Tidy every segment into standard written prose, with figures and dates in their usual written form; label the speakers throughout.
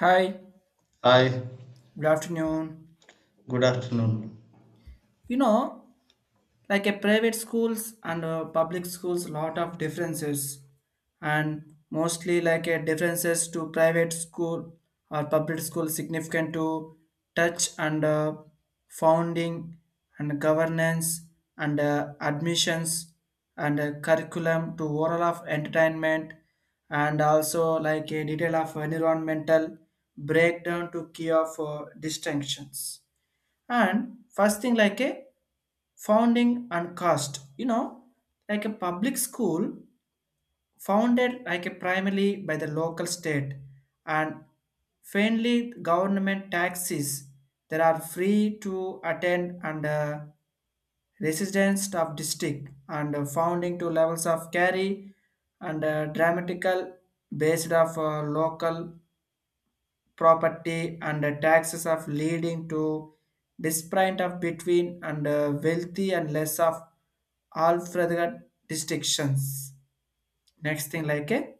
Speaker 1: Hi,
Speaker 2: Hi,
Speaker 1: good afternoon.
Speaker 2: good afternoon.
Speaker 1: You know, like a private schools and public schools, lot of differences, and mostly like a differences to private school or public school significant to touch and founding and governance and admissions and curriculum to overall of entertainment, and also like a detail of environmental breakdown to key of distinctions. And first thing like a founding and cost, like a public school founded like a primarily by the local state and faintly government taxes that are free to attend, and residents of district, and founding to levels of carry, and dramatical based of local property and the taxes of leading to disparate of between, and wealthy and less of all further distinctions. Next thing like a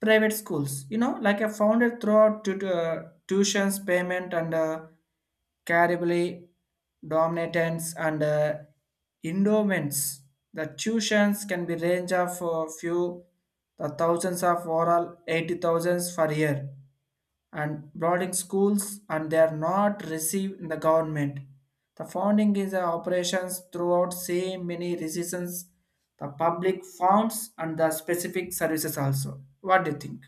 Speaker 1: private schools, like a founded throughout to tuitions, payment and Caribly dominance and endowments. The tuitions can be range of a few the thousands of overall 80 thousands per year and boarding schools, and they are not received in the government. The funding is the operations throughout same many recessions, the public funds and the specific services also. What do you think?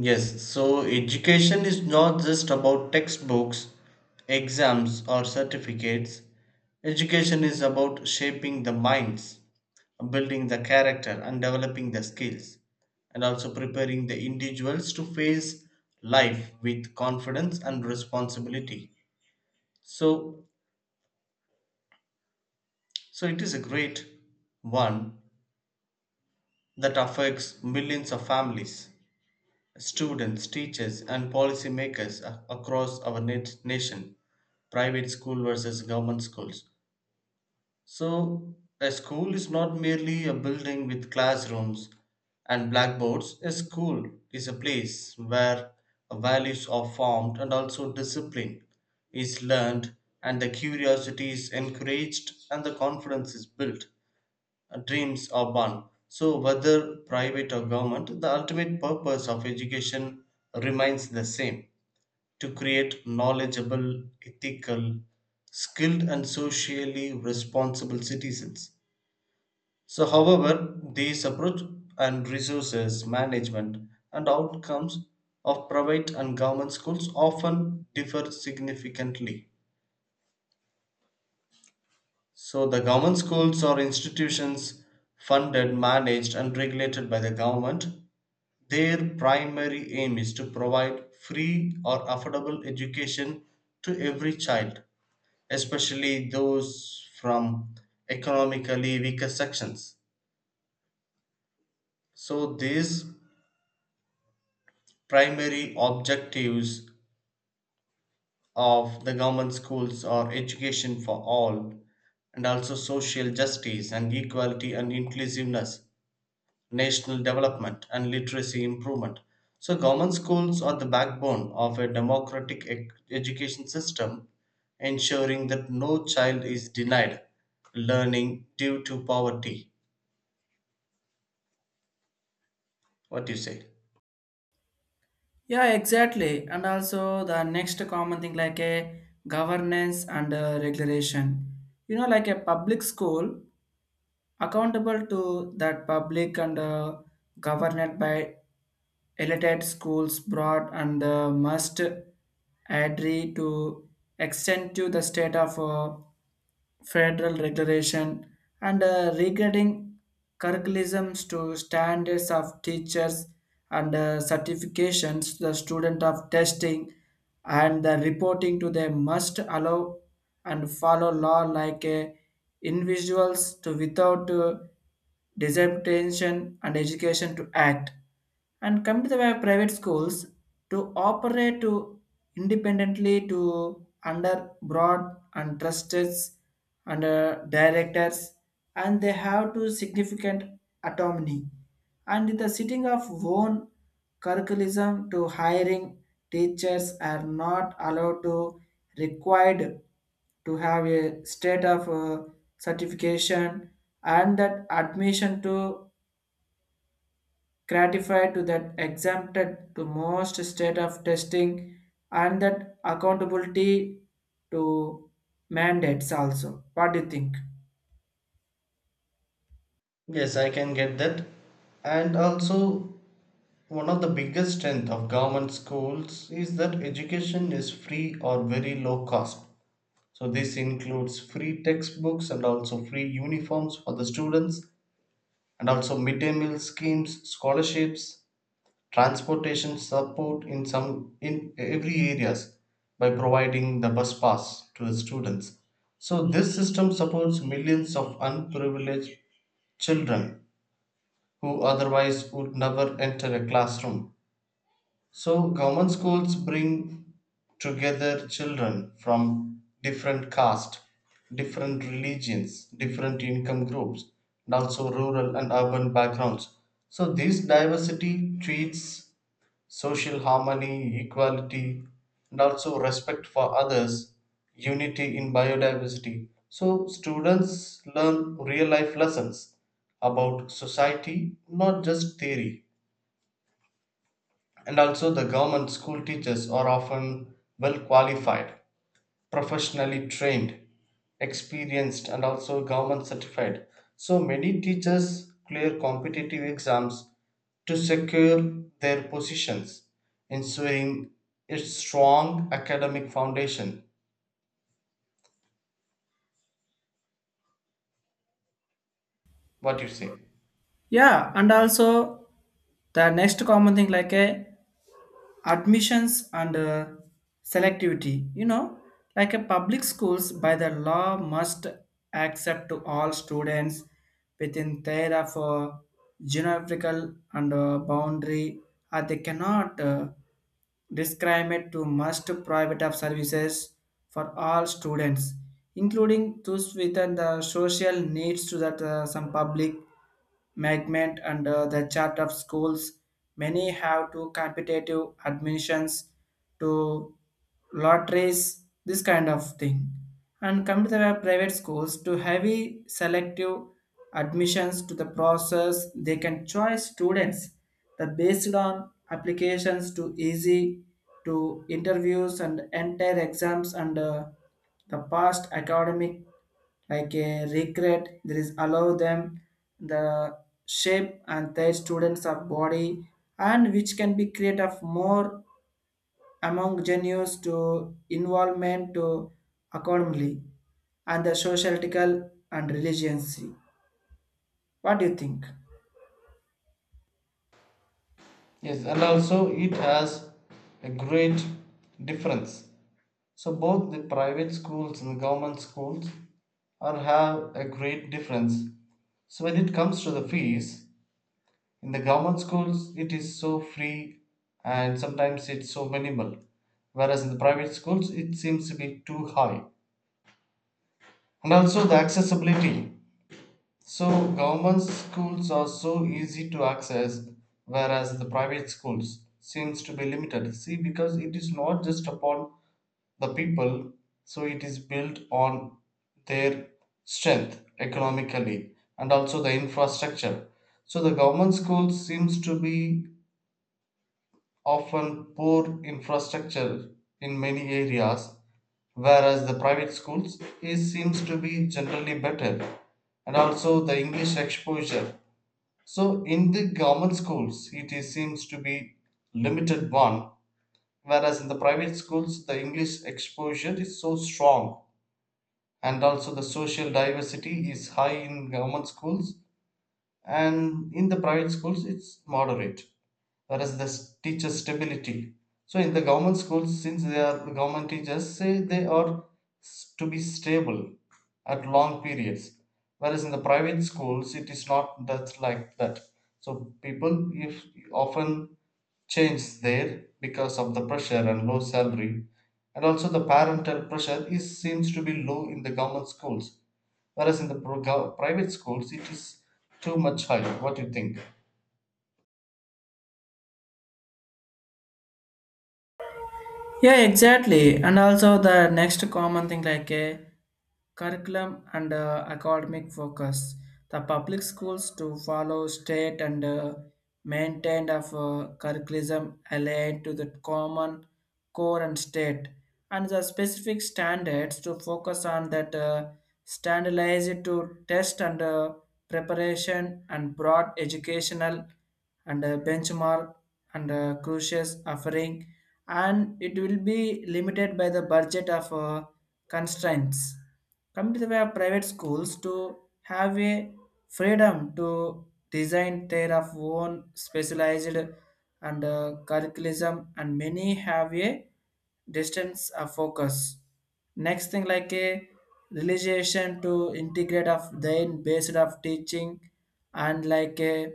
Speaker 2: Yes, so education is not just about textbooks, exams, or certificates. Education is about shaping the minds, building the character, and developing the skills, and also preparing the individuals to face life with confidence and responsibility. So, so, it is a great one that affects millions of families, students, teachers, and policymakers across our nation, private school versus government schools. So, a school is not merely a building with classrooms and blackboards. A school is a place where values are formed and also discipline is learned, and the curiosity is encouraged, and the confidence is built, dreams are born. So, whether private or government, the ultimate purpose of education remains the same: to create knowledgeable, ethical, skilled, and socially responsible citizens. So, however, these approach and resources management and outcomes of private and government schools often differ significantly. So, the government schools are institutions funded, managed, and regulated by the government. Their primary aim is to provide free or affordable education to every child, especially those from economically weaker sections. So, these primary objectives of the government schools are education for all, and also social justice and equality and inclusiveness, national development and literacy improvement. So, government schools are the backbone of a democratic education system, ensuring that no child is denied learning due to poverty. What do you say?
Speaker 1: Yeah, exactly. And also the next common thing like a governance and regulation. Like a public school accountable to that public and governed by elite schools broad, and must adhere to extend to the state of federal regulation and regarding curriculums to standards of teachers and certifications the student of testing, and the reporting to them must allow and follow law like a individuals to without disemption and education to act. And come to the way of private schools to operate to independently to under broad and trusted and directors, and they have to significant autonomy and the sitting of own curriculum to hiring teachers are not allowed to required to have a state of certification, and that admission to gratify to that exempted to most state of testing and that accountability to mandates also. What do you think?
Speaker 2: Yes, I can get that. And also, one of the biggest strength of government schools is that education is free or very low cost. So this includes free textbooks and also free uniforms for the students, and also midday meal schemes, scholarships, transportation support in some in every areas by providing the bus pass to the students. So this system supports millions of unprivileged children who otherwise would never enter a classroom. So common schools bring together children from different caste, different religions, different income groups, and also rural and urban backgrounds. So this diversity treats social harmony, equality, and also respect for others, unity in biodiversity. So students learn real life lessons about society, not just theory. And also, the government school teachers are often well qualified, professionally trained, experienced, and also government certified. So, many teachers clear competitive exams to secure their positions, ensuring a strong academic foundation. What you say?
Speaker 1: Yeah, and also the next common thing like a admissions and selectivity. Like a public schools by the law must accept to all students within their of geographical and boundary, or they cannot discriminate to must private of services for all students, including those within the social needs to that some public Magnet under the chart of schools, many have to competitive admissions to lotteries, this kind of thing. And come to the private schools to heavy selective admissions to the process, they can choose students the based on applications to easy to interviews and entire exams and the past academic like a regret there is allow them the shape and their students of body, and which can be create of more among genius to involvement to accordingly and the societal and religious. What do you think?
Speaker 2: Yes, and also it has a great difference. So both the private schools and the government schools are have a great difference. So when it comes to the fees, in the government schools it is so free and sometimes it's so minimal, whereas in the private schools it seems to be too high. And also the accessibility. So government schools are so easy to access, whereas the private schools seems to be limited. See, because it is not just upon the people, so it is built on their strength economically and also the infrastructure. So the government schools seems to be often poor infrastructure in many areas, whereas the private schools is seems to be generally better, and also the English exposure. So in the government schools, it is, seems to be limited one, whereas in the private schools, the English exposure is so strong, and also the social diversity is high in government schools and in the private schools it's moderate, whereas the teacher stability. So in the government schools, since they are the government teachers, say they are to be stable at long periods, whereas in the private schools it is not that like that, so people if often change there because of the pressure and low salary. And also the parental pressure is seems to be low in the government schools, whereas in the private schools it is too much higher. What do you think?
Speaker 1: Yeah, exactly. And also the next common thing like a curriculum and academic focus. The public schools to follow state and maintained of curriculum aligned to the common core and state and the specific standards to focus on that standardized to test and preparation and broad educational and benchmark and crucius offering, and it will be limited by the budget of constraints. Come to the way of private schools to have a freedom to design their of own specialized and curriculum, and many have a distance of focus. Next thing like a realization to integrate of then based of teaching and like a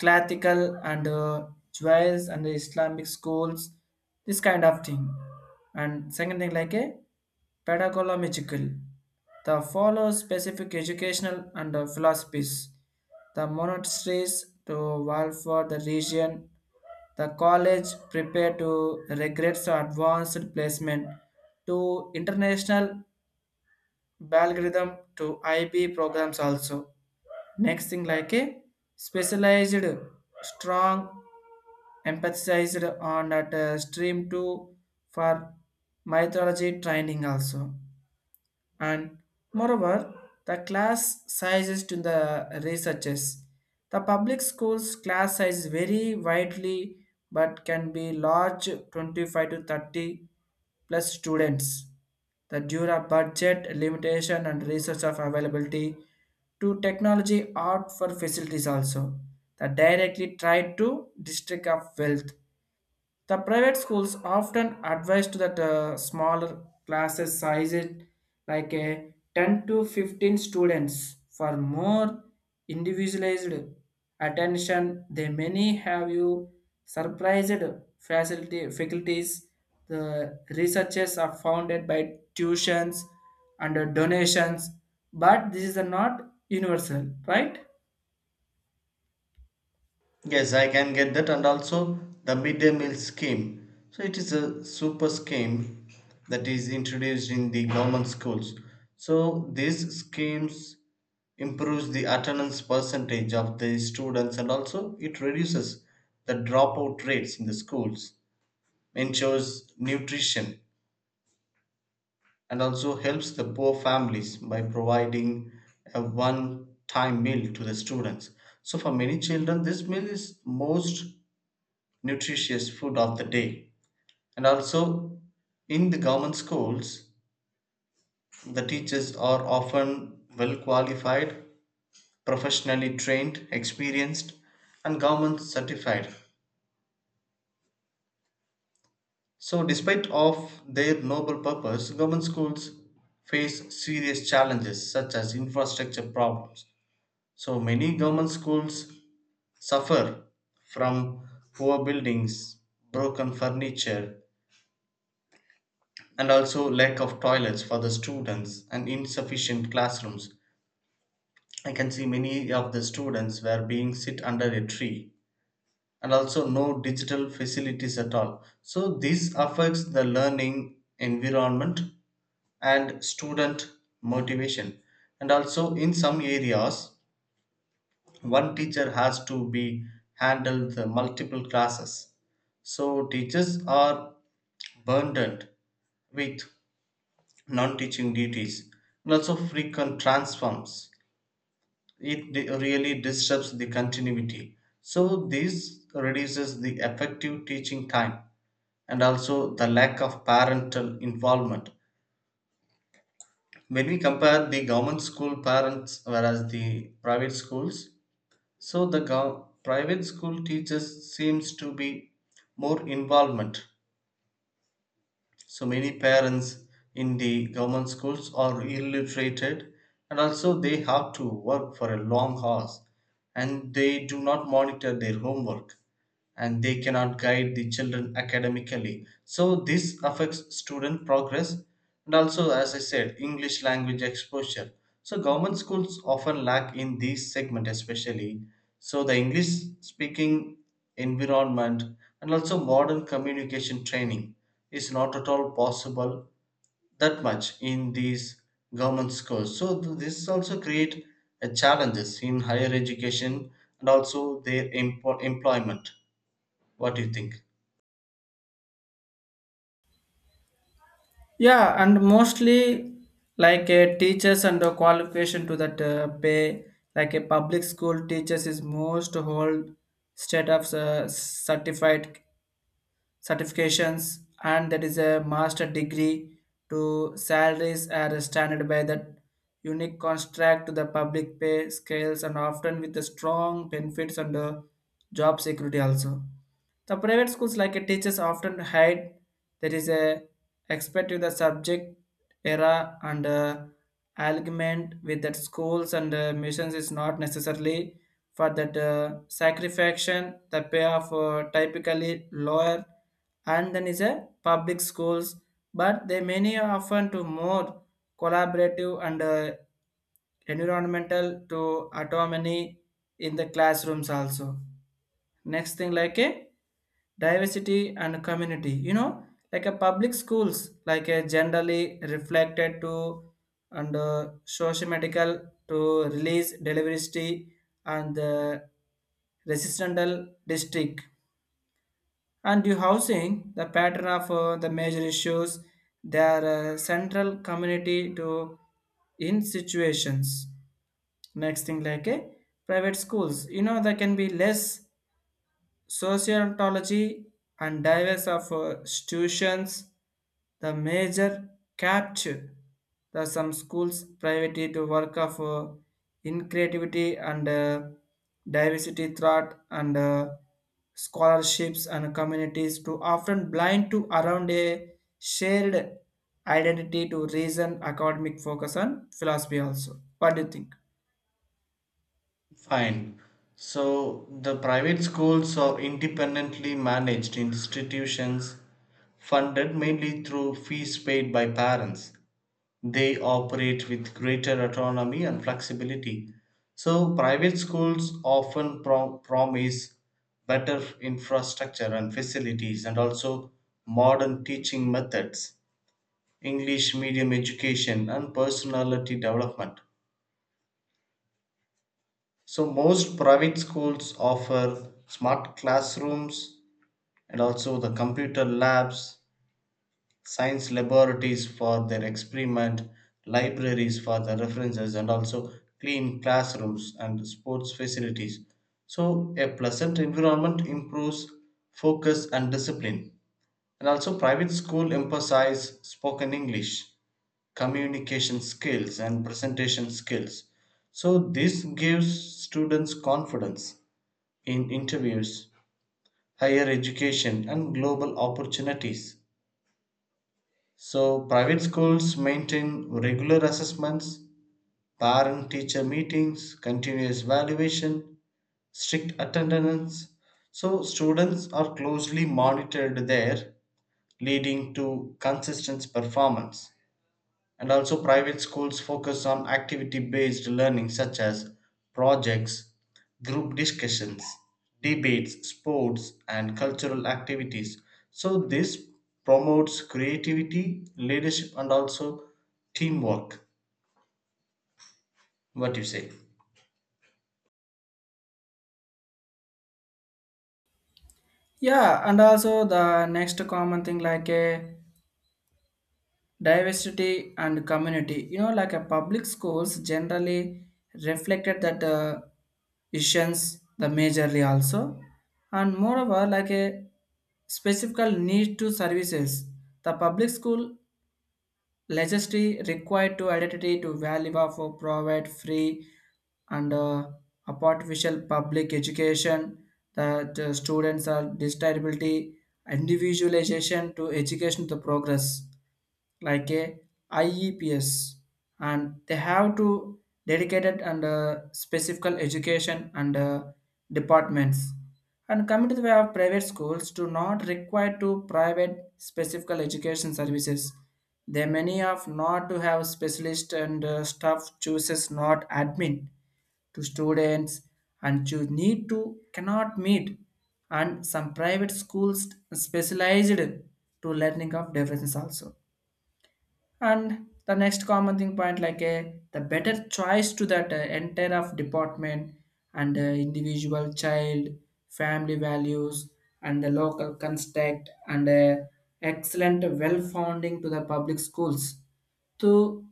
Speaker 1: classical and jazz and the Islamic schools, this kind of thing. And second thing like a pedagogical, the follow specific educational and philosophies, the monasteries to valve for the region, the college prepare to regrets or advanced placement to international algorithm to IB programs also. Next thing like a specialized, strong, emphasized on that stream two for mythology training also. And moreover the class sizes to the researchers, the public schools class size vary widely but can be large 25 to 30 plus students, the due to budget limitation and research of availability to technology art for facilities also, that directly tied to district of wealth. The private schools often advised that smaller classes sizes like a 10 to 15 students for more individualized attention. They many have you surprised facility, faculties. The researchers are founded by tuitions and donations, but this is not universal, right?
Speaker 2: Yes, I can get that, and also the midday meal scheme. So it is a super scheme that is introduced in the government schools. So these schemes improves the attendance percentage of the students, and also it reduces the dropout rates in the schools, ensures nutrition and also helps the poor families by providing a one time meal to the students. So, for many children, this meal is most nutritious food of the day. And also, in the government schools, the teachers are often well qualified, professionally trained, experienced, and government certified. So, despite of their noble purpose, government schools face serious challenges such as infrastructure problems. So many government schools suffer from poor buildings, broken furniture, and also lack of toilets for the students and insufficient classrooms. I can see many of the students were being sit under a tree and also no digital facilities at all. So this affects the learning environment and student motivation. And also in some areas, one teacher has to be handle the multiple classes, so teachers are burdened with non-teaching duties, and also frequent transforms it really disrupts the continuity. So this reduces the effective teaching time, and also the lack of parental involvement when we compare the government school parents whereas the private schools. So the private school teachers seems to be more involvement. So many parents in the government schools are illiterated, and also they have to work for a long hours and they do not monitor their homework and they cannot guide the children academically. So this affects student progress, and also as I said English language exposure. So government schools often lack in this segment especially. So the English speaking environment and also modern communication training is not at all possible that much in these government schools. So this also create a challenges in higher education and also their employment. What do you think?
Speaker 1: Yeah, and mostly like a teachers and a qualification to that pay, like a public school teachers is most whole state of certified certifications, and that is a master degree to salaries are standard by that unique contract to the public pay scales, and often with the strong benefits and job security also. The private schools like a teachers often hide there is a expect to the subject era and alignment with that schools and missions is not necessarily for that sacrifaction the payoff typically lower and then is a public schools, but they many are often to more collaborative and environmental to autonomy in the classrooms also. Next thing like a diversity and community, like a public schools like a generally reflected to and sociomedical to release delivery and resistant district and you housing, the pattern of the major issues, their central community to in situations. Next thing like a private schools, there can be less sociontology and diverse of institutions the major capture, the some schools privately to work of in creativity and diversity thought and scholarships and communities to often blind to around a shared identity to reason academic focus on philosophy also. What do you think?
Speaker 2: Fine. So the private schools are independently managed institutions funded mainly through fees paid by parents. They operate with greater autonomy and flexibility. So, private schools often promise better infrastructure and facilities and also modern teaching methods, English medium education, and personality development. So, most private schools offer smart classrooms and also the computer labs, science laboratories for their experiment, libraries for the references, and also clean classrooms and sports facilities. So, a pleasant environment improves focus and discipline. And also, private school emphasize spoken English, communication skills, and presentation skills. So, this gives students confidence in interviews, higher education, and global opportunities. So, private schools maintain regular assessments, parent teacher meetings, continuous evaluation, strict attendance. So, students are closely monitored there, leading to consistent performance. And also, private schools focus on activity based learning such as projects, group discussions, debates, sports, and cultural activities. So, this promotes creativity, leadership, and also teamwork. What you say?
Speaker 1: Yeah, and also the next common thing like a diversity and community. Like a public schools generally reflected that issues the majorly also. And moreover like a specific need to services, the public school legislation required to identity to value for provide free and artificial public education that students are disability individualization to education to progress like a IEPs, and they have to dedicated and specific education and departments. And coming to the way of private schools, do not require to private specific education services. They many of not to have specialist and staff chooses not admin to students, and you need to cannot meet, and some private schools specialized to learning of differences also. And the next common thing point like a the better choice to that entire of department and individual child family values and the local construct and excellent well founding to the public schools to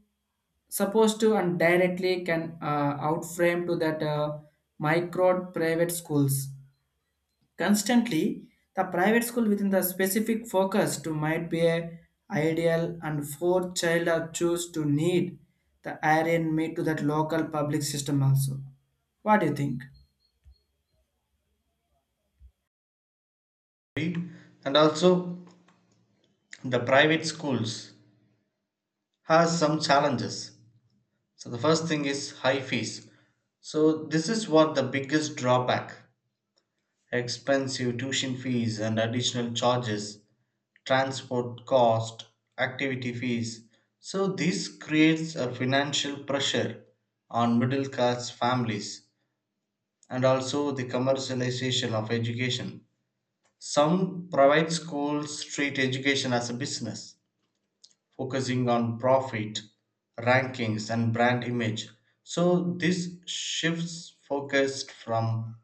Speaker 1: supposed to and directly can outframe to that micro private schools. Constantly, the private school within the specific focus to might be a ideal and fourth child are choose to need the iron meet to that local public system also. What do you think?
Speaker 2: And also, the private schools has some challenges. So, the first thing is high fees. So, this is what the biggest drawback: expensive tuition fees and additional charges, transport cost, activity fees. So, this creates a financial pressure on middle class families, and also the commercialization of education. Some private schools treat education as a business, focusing on profit, rankings, and brand image. So, this shifts focus from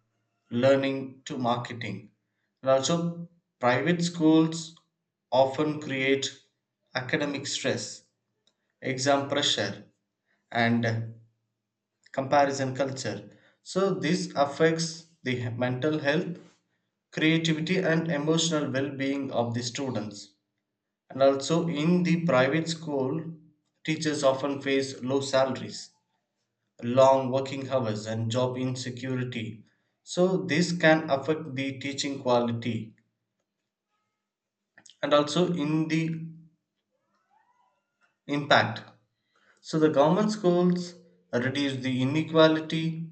Speaker 2: learning to marketing. And also, private schools often create academic stress, exam pressure, and comparison culture. So, this affects the mental health, creativity, and emotional well being of the students. And also, in the private school, teachers often face low salaries, long working hours, and job insecurity. So, this can affect the teaching quality and also in the impact. So, the government schools reduce the inequality,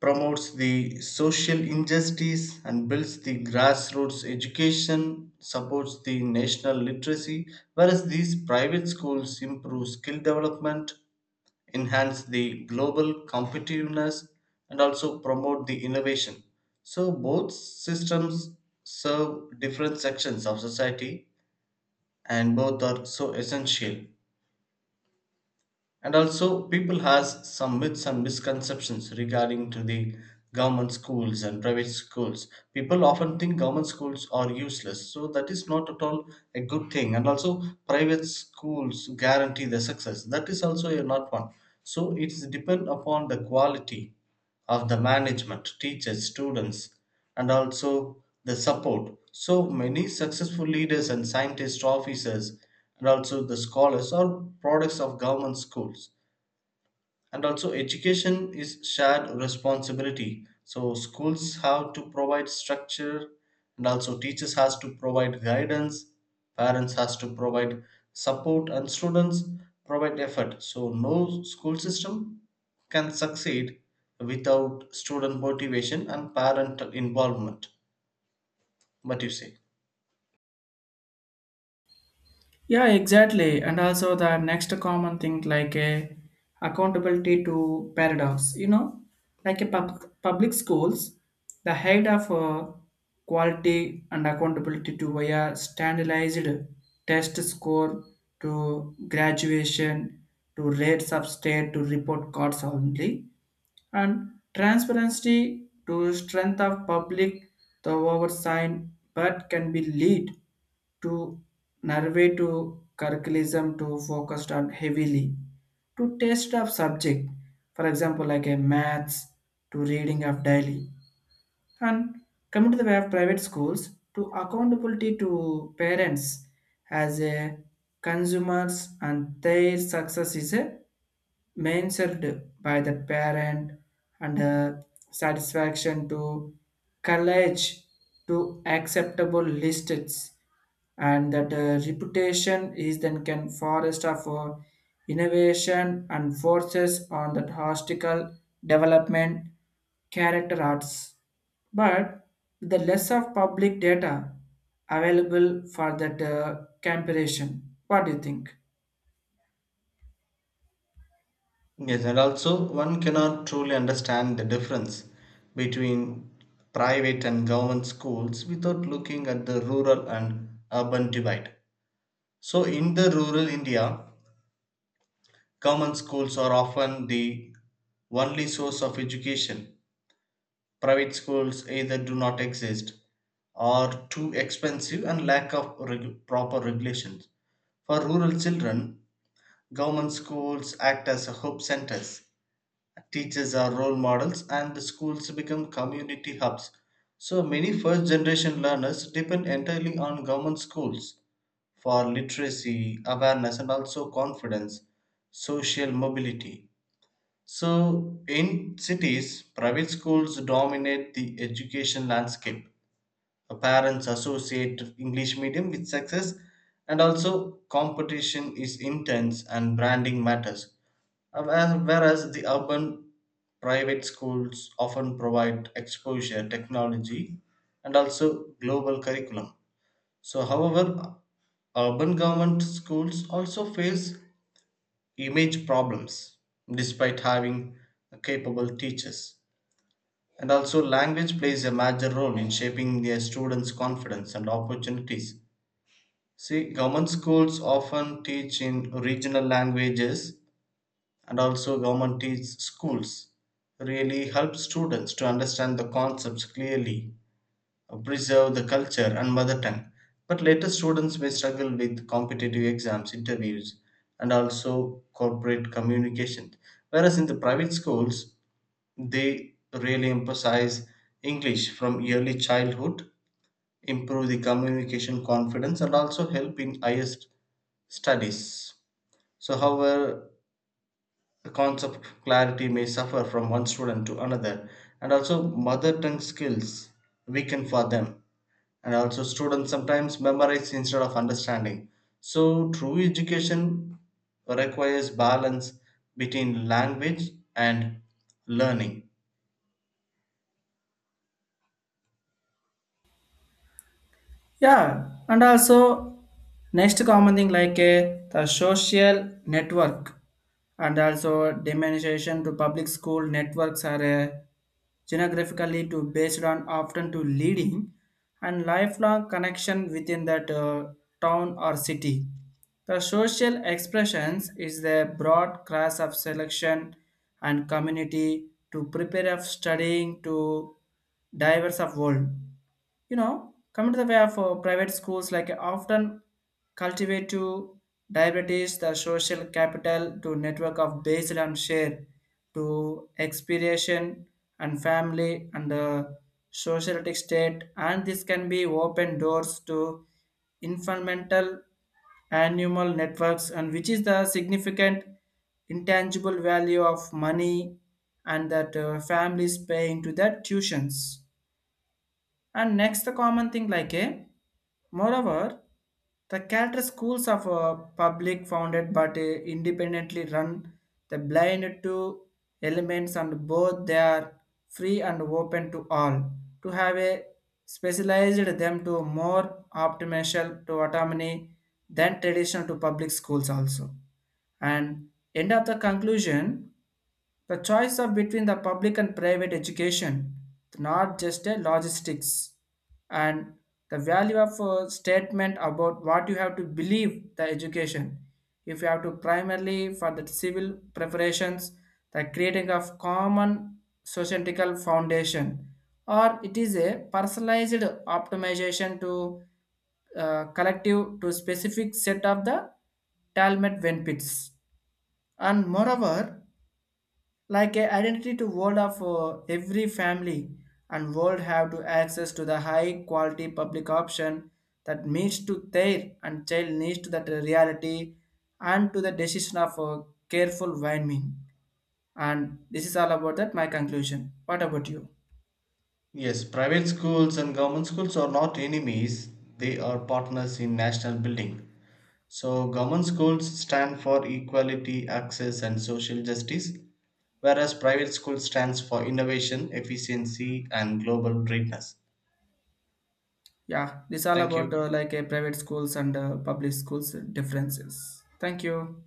Speaker 2: promotes the social injustice, and builds the grassroots education, supports the national literacy, whereas these private schools improve skill development, enhance the global competitiveness, and also promote the innovation. So both systems serve different sections of society and both are so essential. And also people has some myths and misconceptions regarding to the government schools and private schools. People often think government schools are useless, so that is not at all a good thing. And also private schools guarantee the success, that is also a not one. So it's depend upon the quality of the management, teachers, students, and also the support. So many successful leaders and scientist officers, and also the scholars, are products of government schools. And also education is shared responsibility. So schools have to provide structure, and also teachers has to provide guidance, parents has to provide support, and students provide effort. So no school system can succeed without student motivation and parent involvement. What do you say?
Speaker 1: Yeah, exactly. And also the next common thing like a accountability to paradox, like a public schools, the head of quality and accountability to via standardized test score to graduation to rates of state to report cards only and transparency to strength of public the oversight, but can be lead to narrate to curriculum to focused on heavily to test of subject, for example like a maths to reading of daily. And coming to the way of private schools to accountability to parents as a consumers, and their success is a main served by the parent and the satisfaction to college to acceptable lists, and that reputation is then can forest of innovation and forces on that hostical development character arts, but with the less of public data available for that comparison. What do you think?
Speaker 2: Yes, and also one cannot truly understand the difference between private and government schools without looking at the rural and urban divide. So, in the rural India, government schools are often the only source of education. Private schools either do not exist, are too expensive, and lack of proper regulations. For rural children, government schools act as a hope centers. Teachers are role models, and the schools become community hubs. So many first generation learners depend entirely on government schools for literacy, awareness, and also confidence, social mobility. So, in cities, private schools dominate the education landscape. Parents associate English medium with success, and also competition is intense and branding matters. Whereas the urban private schools often provide exposure, technology, and also global curriculum. So, however, urban government schools also face image problems despite having capable teachers. And also, language plays a major role in shaping their students' confidence and opportunities. See, government schools often teach in regional languages, and also government teach schools really help students to understand the concepts clearly, preserve the culture and mother tongue, but later students may struggle with competitive exams, interviews, and also corporate communication, whereas in the private schools they really emphasize English from early childhood, improve the communication confidence and also help in highest studies. So however, the concept clarity may suffer from one student to another, and also mother tongue skills weaken for them, and also students sometimes memorize instead of understanding. So true education requires balance between language and learning.
Speaker 1: Yeah, and also next common thing like the social network and also demonstration to public school networks are geographically to based on often to leading and lifelong connection within that town or city. The social expressions is the broad class of selection and community to prepare of studying to diverse of world. Coming to the way of private schools like often cultivate to diabetes the social capital to network of based on share to expiration and family and socialistic state, and this can be open doors to environmental animal networks and which is the significant intangible value of money and that families pay into that tuitions. And next, the common thing like a, moreover, the character schools of public founded but independently run, the blind to elements and both they are free and open to all to have a specialized them to more optimal to autonomy than traditional to public schools also. And end of the conclusion. The choice of between the public and private education, not just a logistics, and the value of a statement about what you have to believe the education. If you have to primarily for the civil preparations, the creating of common societal foundation, or it is a personalized optimization to collective to specific set of the talmud benefits. And moreover like a identity to world of every family and world have to access to the high quality public option that meets to their and child needs to that reality, and to the decision of careful warming. And this is all about that my conclusion. What about you?
Speaker 2: Yes, private schools and government schools are not enemies, they are partners in national building. So, government schools stand for equality, access, and social justice, whereas private schools stands for innovation, efficiency, and global greatness.
Speaker 1: Yeah, this all
Speaker 2: Thank
Speaker 1: about
Speaker 2: you.
Speaker 1: like a private schools and public schools differences. Thank you.